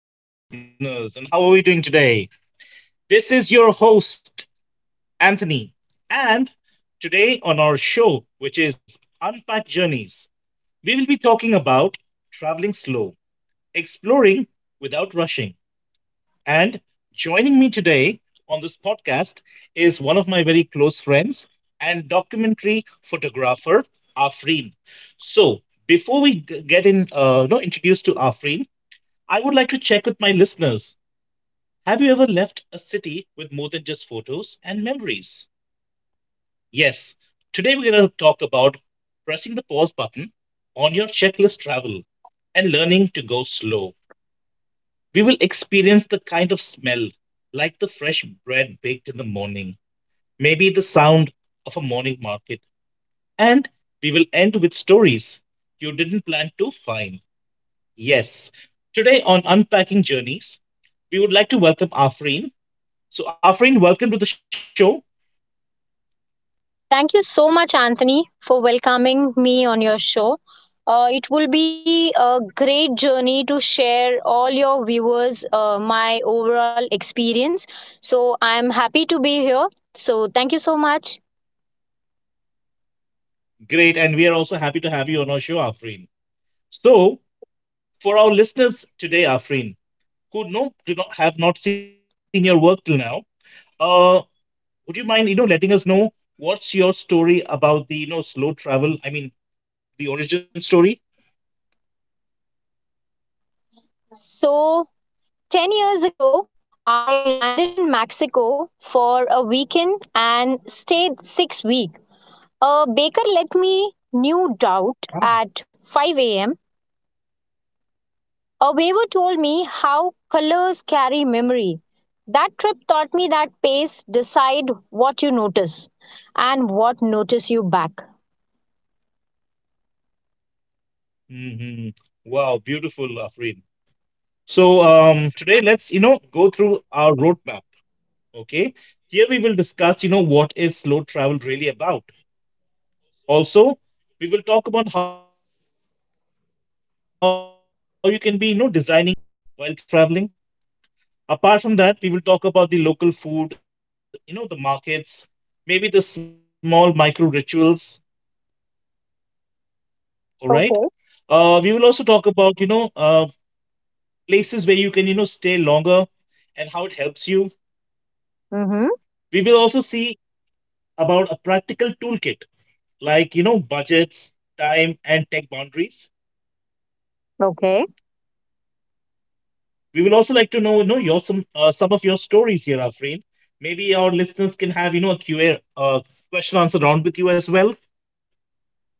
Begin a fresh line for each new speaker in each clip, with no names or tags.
podcast listeners. And how are we doing today? This is your host, Anthony. And today on our show, which is Unpack Journeys, we will be talking about traveling slow, exploring without rushing. And joining me today on this podcast is one of my very close friends and documentary photographer, Afreen. So, before we get in, introduced to Afreen, I would like to check with my listeners. Have you ever left a city with more than just photos and memories? Yes, today we're going to talk about pressing the pause button on your checklist travel and learning to go slow. We will experience the kind of smell like the fresh bread baked in the morning, maybe the sound of a morning market, and we will end with stories you didn't plan to find. Yes, today on Unpacking Journeys, we would like to welcome Afreen. So, Afreen, welcome to the show.
Thank you so much, Anthony, for welcoming me on your show. It will be a great journey to share all your viewers my overall experience. So I'm happy to be here. So thank you so much.
Great. And we are also happy to have you on our show, Afreen. So, for our listeners today, Afreen, who no, do not have not seen your work till now, uh, would you mind, letting us know what's your story about the, slow travel? I mean, the origin story?
So 10 years ago, I landed in Mexico for a weekend and stayed 6 weeks. A baker let me new doubt at 5 a.m. A waiver told me how colors carry memory. That trip taught me that pace decide what you notice and what notice you back.
hmm Wow, beautiful, Afreen. So today let's go through our roadmap. Okay, here we will discuss what is slow travel really about. Also, we will talk about how you can be, designing an unplanned, days where you feel safe while traveling. Apart from that, we will talk about the local food, the markets, maybe the small micro rituals. All
Okay.
right. We will also talk about, places where you can, stay longer and how it helps you.
Mm-hmm.
We will also see about a practical toolkit like, budgets, time, and tech boundaries.
Okay.
We will also like to know, your some of your stories here, Afreen. Maybe our listeners can have a Q A uh, question answer round with you as well,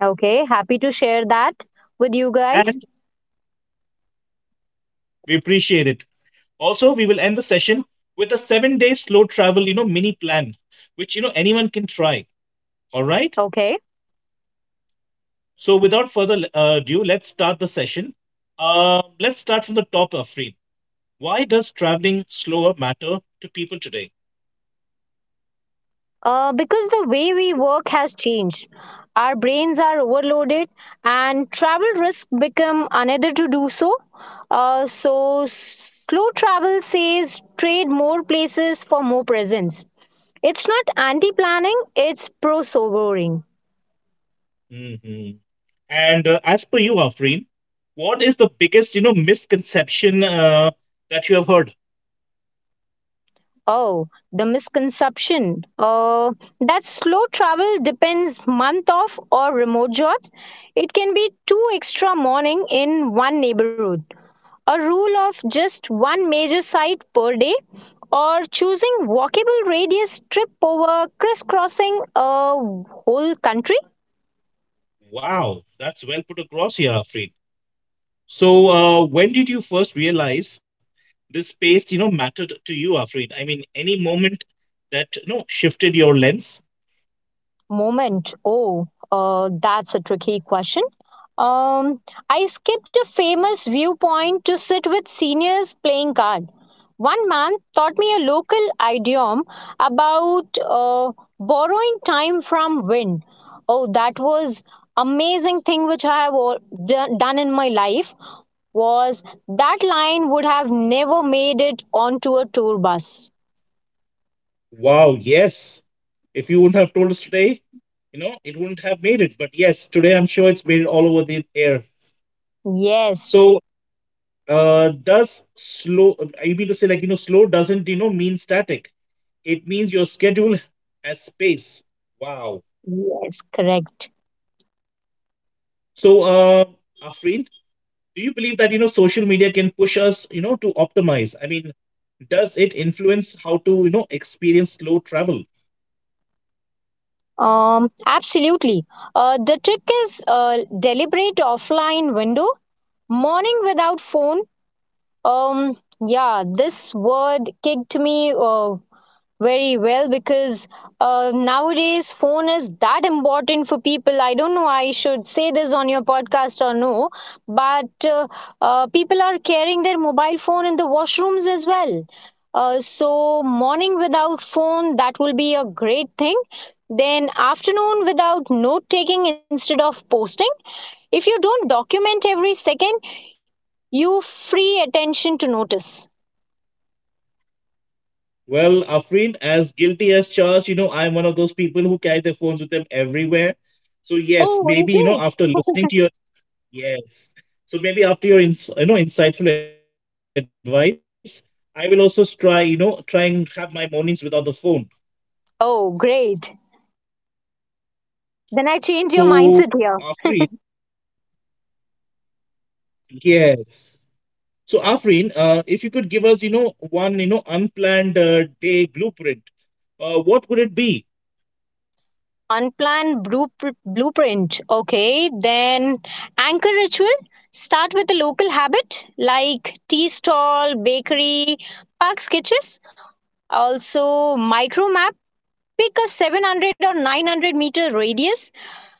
Okay. Happy to share that with you
and
guys.
we appreciate it. Also, we will end the session with a 7 day slow travel mini plan, which anyone can try. All right.
Okay.
So without further ado, let's start the session. Let's start from the top, Afreen. Why does traveling slower matter to people today?
Because the way we work has changed. Our brains are overloaded and travel risk become another to do so. So slow travel says trade more places for more presence. It's not anti-planning, it's pro-sobering.
hmm And as per you, Afreen, what is the biggest, misconception that you have heard?
Oh, the misconception. That slow travel depends month off or remote jobs. It can be two extra morning in one neighborhood. A rule of just one major site per day, or choosing walkable radius trip over crisscrossing a whole country.
Wow, that's well put across here, Afreen. So, when did you first realize this space, mattered to you, Afreen? I mean, any moment that, shifted your lens?
Moment. Oh, that's a tricky question. Um, I skipped a famous viewpoint to sit with seniors playing card. One man taught me a local idiom about borrowing time from wind. Oh, that was amazing thing which I have all, done in my life was that line would have never made it onto a tour bus.
Wow, yes. If you wouldn't have told us today, it wouldn't have made it. But yes, today I'm sure it's made it all over the air.
Yes,
So, does slow, I mean to say like slow doesn't mean static, it means your schedule has space. Wow.
yes, correct.
So Afreen, do you believe that social media can push us to optimize? I mean, does it influence how to experience slow travel?
Absolutely. The trick is deliberate offline window, morning without phone. Um, yeah, this word kicked me. Very well because nowadays phone is that important for people. I don't know I should say this on your podcast or no, but people are carrying their mobile phone in the washrooms as well. So morning without phone, that will be a great thing. Then afternoon without note taking instead of posting. If you don't document every second, you free attention to notice.
Well, Afreen, as guilty as charged, I'm one of those people who carry their phones with them everywhere. So yes,
Oh, is
maybe
it?
after listening to your Yes. So maybe after your insightful advice, I will also try you know try and have my mornings without the phone.
Oh, great.
So Afreen,
Then I
yeah.
change your
So
mindset
Afreen,
here.
if you could give us yes. So Afreen, if you could give us one unplanned day blueprint, what would it be?
Blueprint. Okay. Then anchor ritual. Start with a local habit like tea stall, bakery, park sketches. Also, micro map. Pick a 700 or 900-meter radius.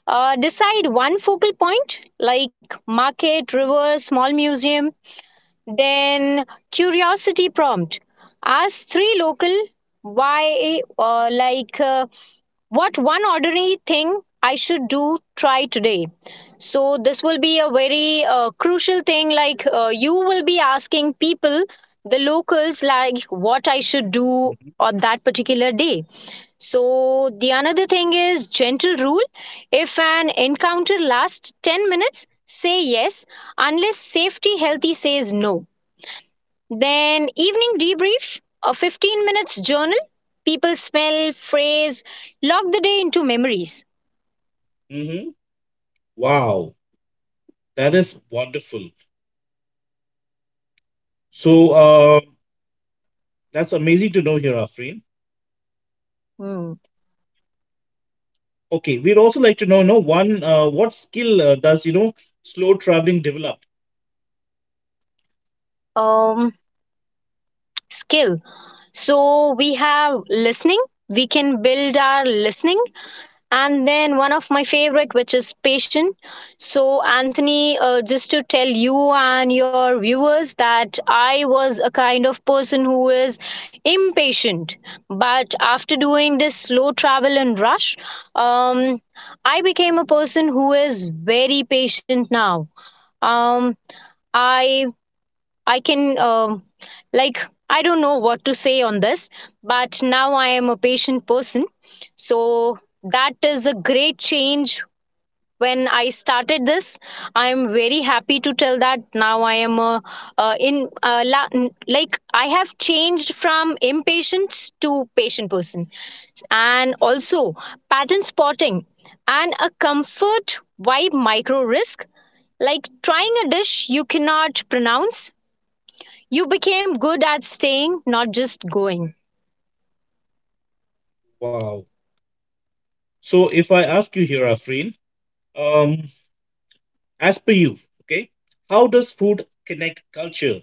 Decide one focal point like market, river, small museum. Then curiosity prompt. Ask 3 local why or what one ordinary thing I should do try today. So this will be a very crucial thing. Like you will be asking people, the locals, like what I should
Mm-hmm.
do on that particular day. So the another thing is gentle rule. If an encounter lasts 10 minutes, say yes unless safety healthy says no. Then evening debrief, a 15 minutes journal. People smell, phrase, lock the day into memories.
hmm Wow, that is wonderful. So that's amazing to know here, Afreen.
Hmm.
Okay, we'd also like to know, no one, what skill does slow traveling develop?
Um, skill. So we have listening. We can build our listening, and then one of my favorite which is patient. So Anthony, just to tell you and your viewers that I was a kind of person who is impatient, but after doing this slow travel and rush, um, I became a person who is very patient now. Um, i I can, like, I don't know what to say on this, but now I am a patient person. So that is a great change. When I started this, I am very happy to tell that now I am a, uh, in uh, la- like I have changed from impatience to patient person, and also pattern spotting and a comfort vibe micro risk like trying a dish you cannot pronounce, you became good at staying, not just going.
Wow. So if I ask you here, Afreen, um, as per you, okay, how does food connect culture?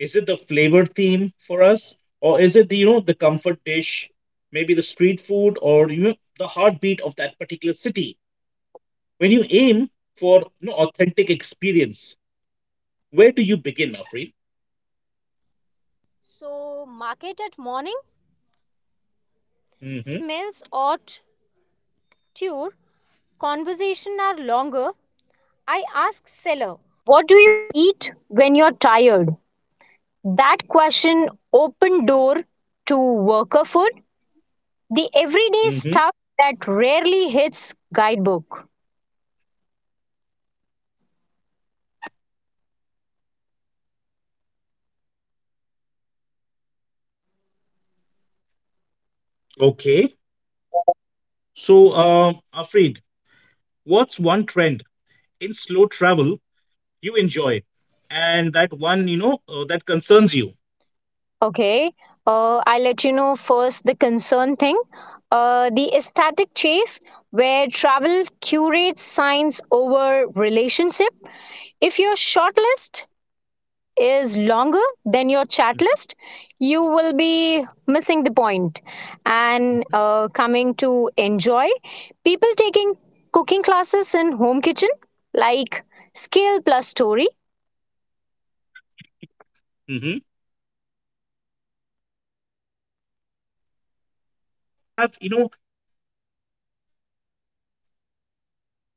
Is it the flavor theme for us, or is it the the comfort dish, maybe the street food, or the heartbeat of that particular city? When you aim for authentic experience, where do you begin, Afreen? Mm-hmm.
That question opened door to worker food, the
Mm-hmm.
everyday stuff that rarely hits guidebook.
Okay. So, Afreen. What's one trend in slow travel you enjoy, and that one that concerns you?
Okay, I'll let you know first the concern thing. The aesthetic chase, where travel curates signs over relationship. If you're shortlist is longer than your chat list, you will
Mm-hmm.
be missing the point. And coming to enjoy, people taking cooking classes in home kitchen, like skill plus story.
Wow. So, do you have a memorable slow food story which you'd like to share with us?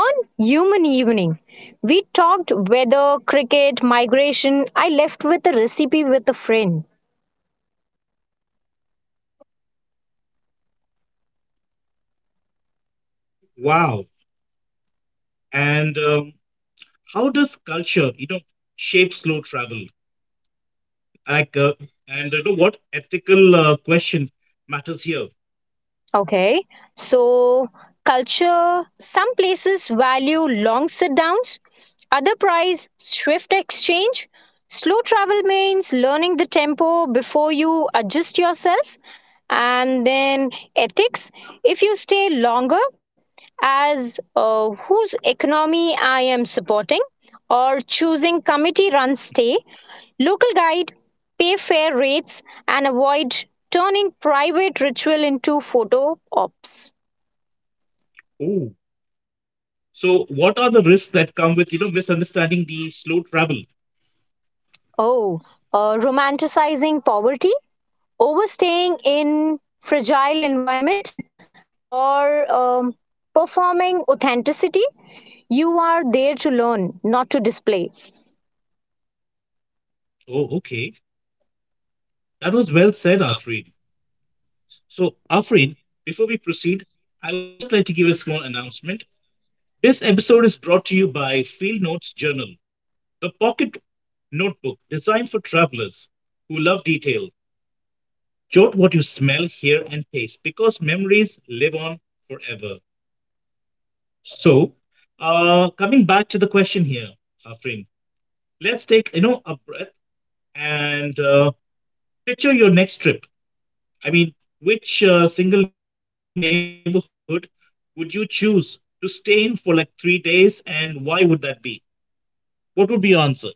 On Human Evening, we talked weather, cricket, migration. I left with a recipe with a friend.
Wow. And how does culture shape slow travel? Like, and what ethical question matters here?
Okay. So, culture some places value long sit downs, other prize swift exchange. Slow travel means learning the tempo before you adjust yourself. And then ethics, if you stay longer, as whose economy I am supporting, or choosing committee run stay, local guide. Pay fair rates and avoid turning private ritual into photo ops.
Oh. So, what are the risks that come with misunderstanding the slow travel?
Oh, romanticizing poverty, overstaying in fragile environment, or performing authenticity. You are there to learn, not to display.
Oh, okay. That was well said, Afreen. So, Afreen, before we proceed, I would just like to give a small announcement. This episode is brought to you by Field Notes Journal, the pocket notebook designed for travelers who love detail. Jot what you smell, hear, and taste because memories live on forever. So, coming back to the question here, Afreen, let's take a breath and picture your next trip. I mean, which single neighborhood would you choose to stay in for like 3 days, and why would that be? What would be your answer?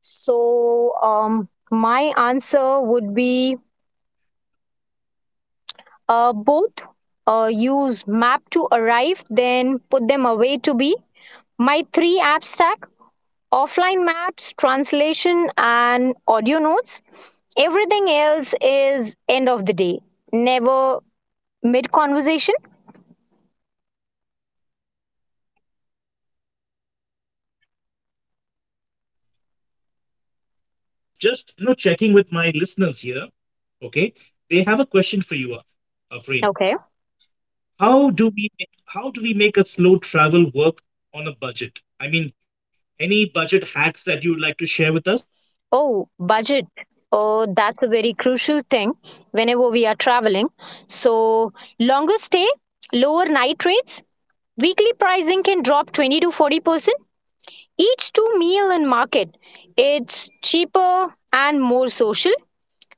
So, my answer would be both. Use map to arrive, then put them away to be. My three app stack: offline maps, translation, and audio notes. Everything else is end of the day, never mid conversation.
Okay, and just checking with my listeners here. Okay, they have a question for you, Afreen.
Okay.
How do we make a slow travel work on a budget? I mean, any budget hacks that you would like to share with us?
Oh, budget. Oh, that's a very crucial thing whenever we are traveling. So, longer stay, lower night rates. Weekly pricing can drop 20 to 40% each to meal and market. It's cheaper and more social.
hmm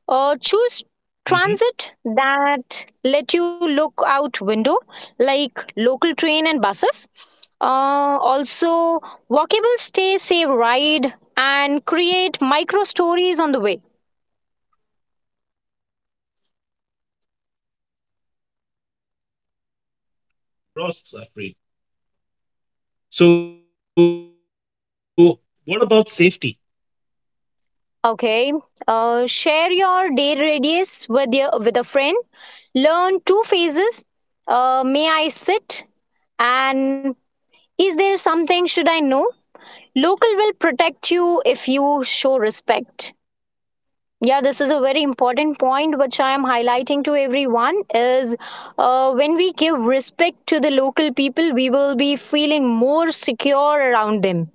Or choose transit that let you look out window, like local train and buses. Also, walkable stay, save ride and create micro stories on the way.
Wow, that is a very beautiful way of putting it across, Safri. So, what about safety?
Okay. Share your day radius with a friend. Learn two phases. May I sit? And is there something should I know? Local will protect you if you show respect. Yeah, this is a very important point which I am highlighting to everyone is when we give respect to the local people, we will be feeling more secure around them.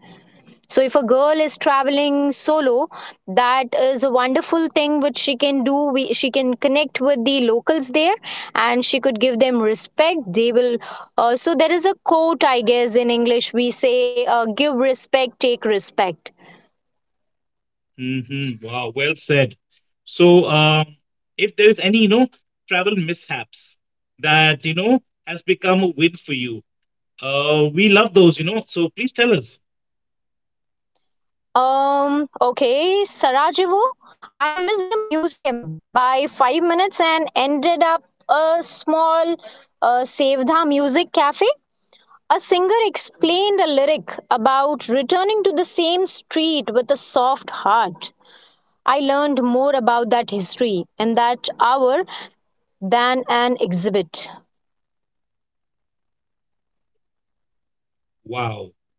So, if a girl is traveling solo, that is a wonderful thing which she can do. We, she can connect with the locals there and she could give them respect. They will. So, there is a quote, I guess, in English we say, give respect, take respect.
Wow, well said. So, if there is any, travel mishaps that, has become a win for you. We love those. So, please tell us.
Okay, Sarajevo. I missed a museum by 5 minutes and ended up a small Sevda music cafe. A singer explained a lyric about returning to the same street with a soft heart. I learned more about that history in that hour than an exhibit.
Wow.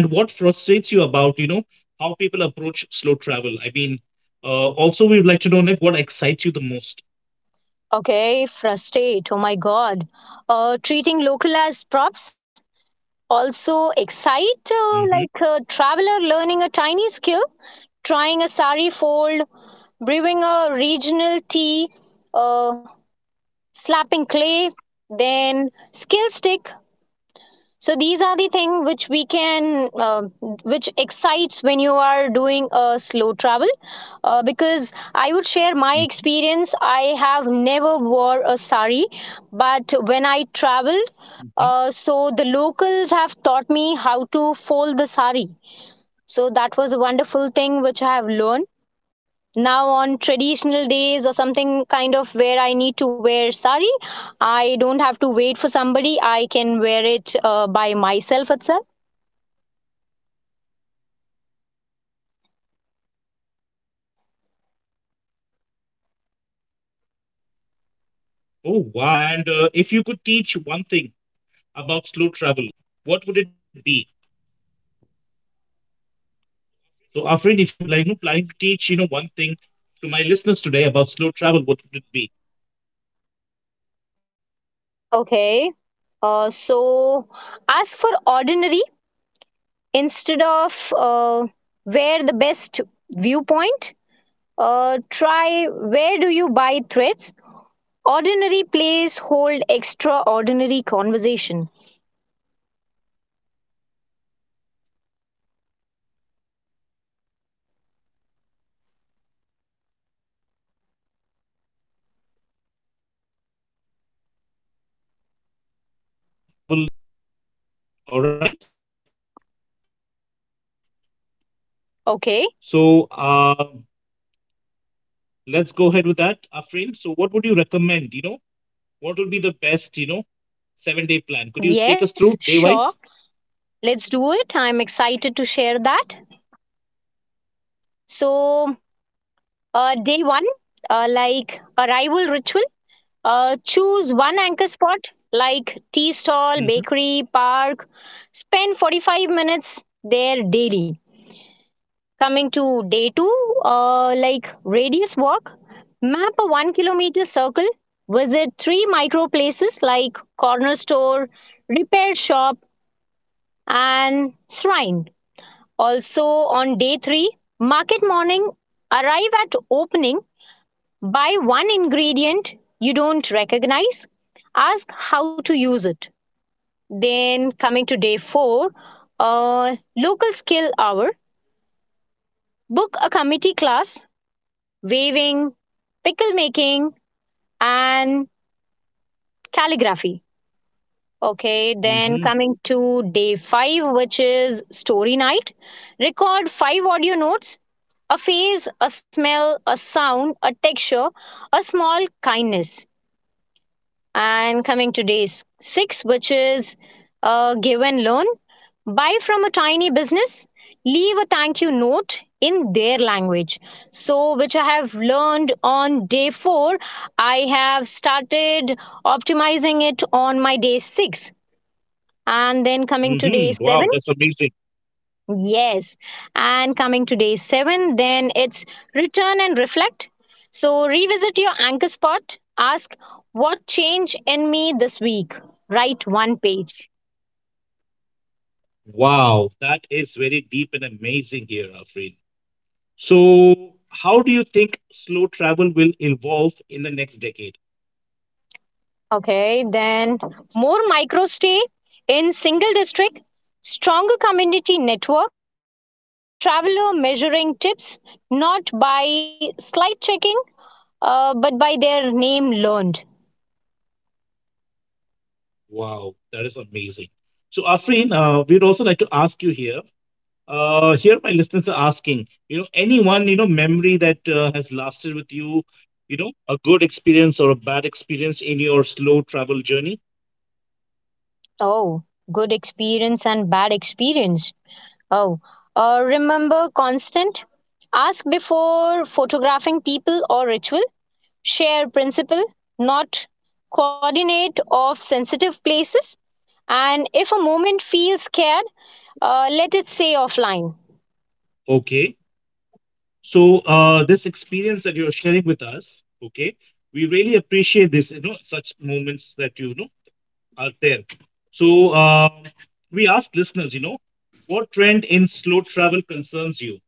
And what frustrates you about, how people approach slow travel? I mean, also, we'd like to know like, what excites you the most.
Okay, frustrate. Oh my god. Treating local as props. Also, excite like a
hmm
traveler learning a tiny skill, trying a sari fold, brewing a regional tea, uh, slapping clay, then skill stick. So these are the thing which we can which excites when you are doing a slow travel. Because I would share my experience, I have never wore a sari, but when I traveled, so
hmm
the locals have taught me how to fold the sari. So that was a wonderful thing which I have learned. Now on traditional days or something kind of where I need to wear sari, I don't have to wait for somebody. I can wear it by myself itself.
Oh, wow, that's amazing. That's great to know. And if you could teach one thing about slow travel, what would it be? So, Afrin, if you're planning to teach, one thing to my listeners today about slow travel, what would it be?
So, as for ordinary, instead of where the best viewpoint, try where do you buy threads? Ordinary plays hold extraordinary conversation.
hmm Wow. Okay. Now it is toolkit time. Can we co-design a seven-day slow travel, mini plan for our listeners to adapt? All right.
Okay,
So, let's go ahead with that, Afrin. So, what would you recommend? What will be the best, seven-day plan? Could you
yes,
take us through
sure,
day-wise?
let's do it. I'm excited to share that. So, day one, like arrival ritual. Choose one anchor spot like tea
Mm-hmm.
stall, bakery, park. Spend 45 minutes there daily. Coming to day two, like radius walk, map a one
Okay.
kilometer circle, visit 3 micro places like corner store, repair shop, and shrine. Also on day three, market morning, arrive at opening. Buy one ingredient you don't recognize, ask how to use it. Then, coming to day four, local skill hour, book a committee class, waving, pickle making, and calligraphy. Okay, then coming to
Mm-hmm.
day five, which is story night, record 5 audio notes, a face, a smell, a sound, a texture, a small kindness. And coming to day six, which is give and loan. Buy from a tiny business, leave a thank you note in their language. So, which I have learned on day four, I have started optimizing it on my day six. And then coming to
Mm-hmm.
day
Wow,
seven,
that's amazing.
Yes. And coming to day seven, then it's return and reflect. So revisit your anchor spot. Ask what changed in me this week. Write one page.
Wow, that is very deep and amazing here, Afreen. So, how do you think slow travel will evolve in the next decade?
Okay. Then more micro stay in single district, stronger community network, and traveler measuring tips not by slight checking, but by their name learned.
Wow, that is amazing. So, Afreen, we'd also like to ask you here. Here my listeners are asking, anyone, memory that has lasted with you, a good experience or a bad experience in your slow travel journey.
Oh, good experience and bad experience. Oh, remember constant. Ask before photographing people or ritual. Share principle, not coordinate of sensitive places. And if a moment feels scared, let it stay offline.
Okay. So this experience that you're sharing with us, okay, we really appreciate this, such moments that are there. So we ask listeners, what trend in slow travel concerns you?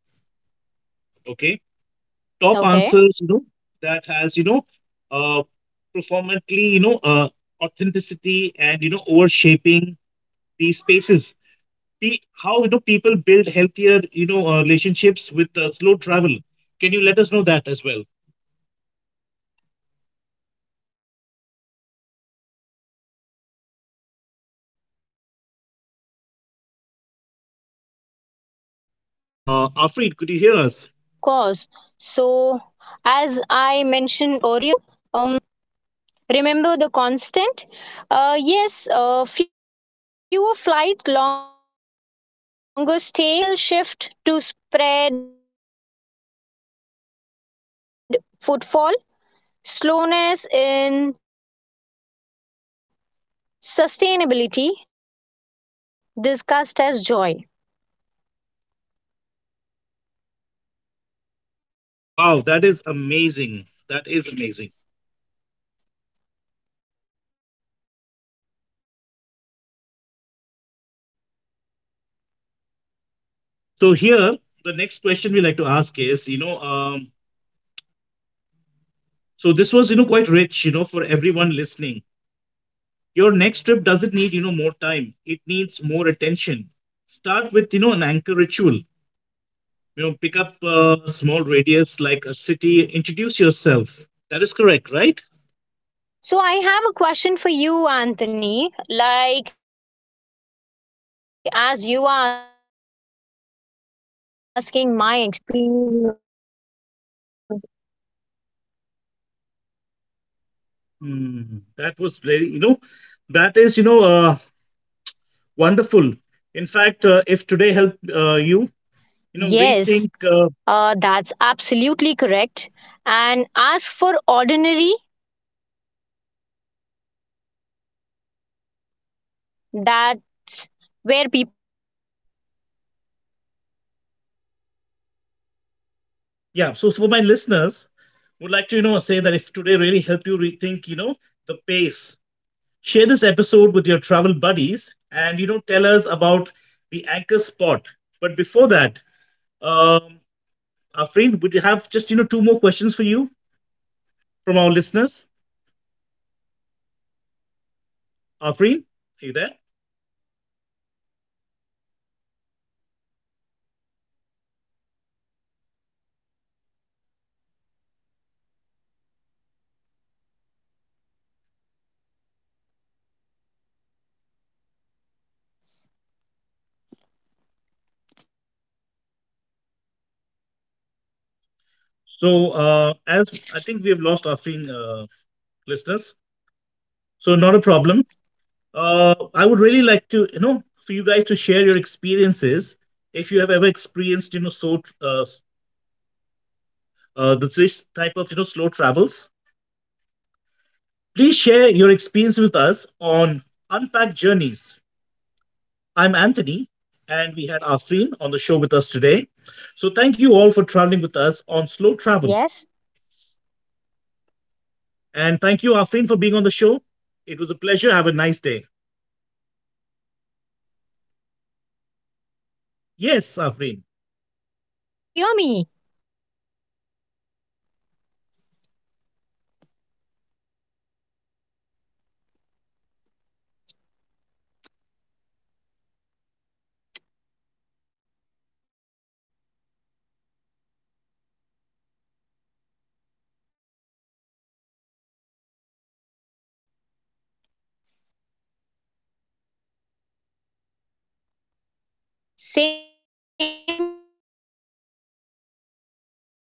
Okay. Top
Okay.
answers that has uh performantly authenticity and over shaping these spaces. How people build healthier relationships with slow travel, can you let us know that as well?
Yeah, of
Afreed, could you
course.
hear us?
So, as I mentioned earlier, um, remember the constant. Yes, fewer flight, longer stay, or rail and buses network and seasonal shift to spread footfall, slowness in sustainability discussed as joy.
Wow, that is amazing. That is amazing. So here, the next question we like to ask is, so this was, quite rich, for everyone listening. Your next trip doesn't need, more time. It needs more attention. Start with, an anchor ritual. Pick up a small radius like a city. Introduce yourself. That is correct, right?
So I have a question for you, Anthony. Like as you are asking my experience. Hmm.
Hmm, that was very, that is, wonderful. In fact, if today helped you,
Yes,
rethink.
that's absolutely correct. And ask for ordinary. That's where people live.
Yeah. So, so for my listeners, would like to, say that if today really helped you rethink, the pace. Share this episode with your travel buddies and tell us about the anchor spot. But before that, um, Afreen, would you have just two more questions for you from our listeners? Afreen, are you there?
Sure. Yes.
So as I
Yes,
think we
I'm
have
there.
lost Afreen, listeners, so not a problem. I would really like to for you guys to share your experiences if you have ever experienced
So Anthony, are you able to hear me?
this type of slow travels. Please share your experience with us on Unpacked Journeys. I'm Anthony, and we had Afreen on the show with us
Yeah,
today.
Anthony, are you
So
able to
thank you
hear me
all for
now?
traveling with us on Slow Travel. And thank you, Afreen, for being on the show. It was a pleasure. Have a nice day. Yes, Afreen.
Same to you, Anthony. Thank you so much. Yes, Anthony, are you able to hear me? So, thank you so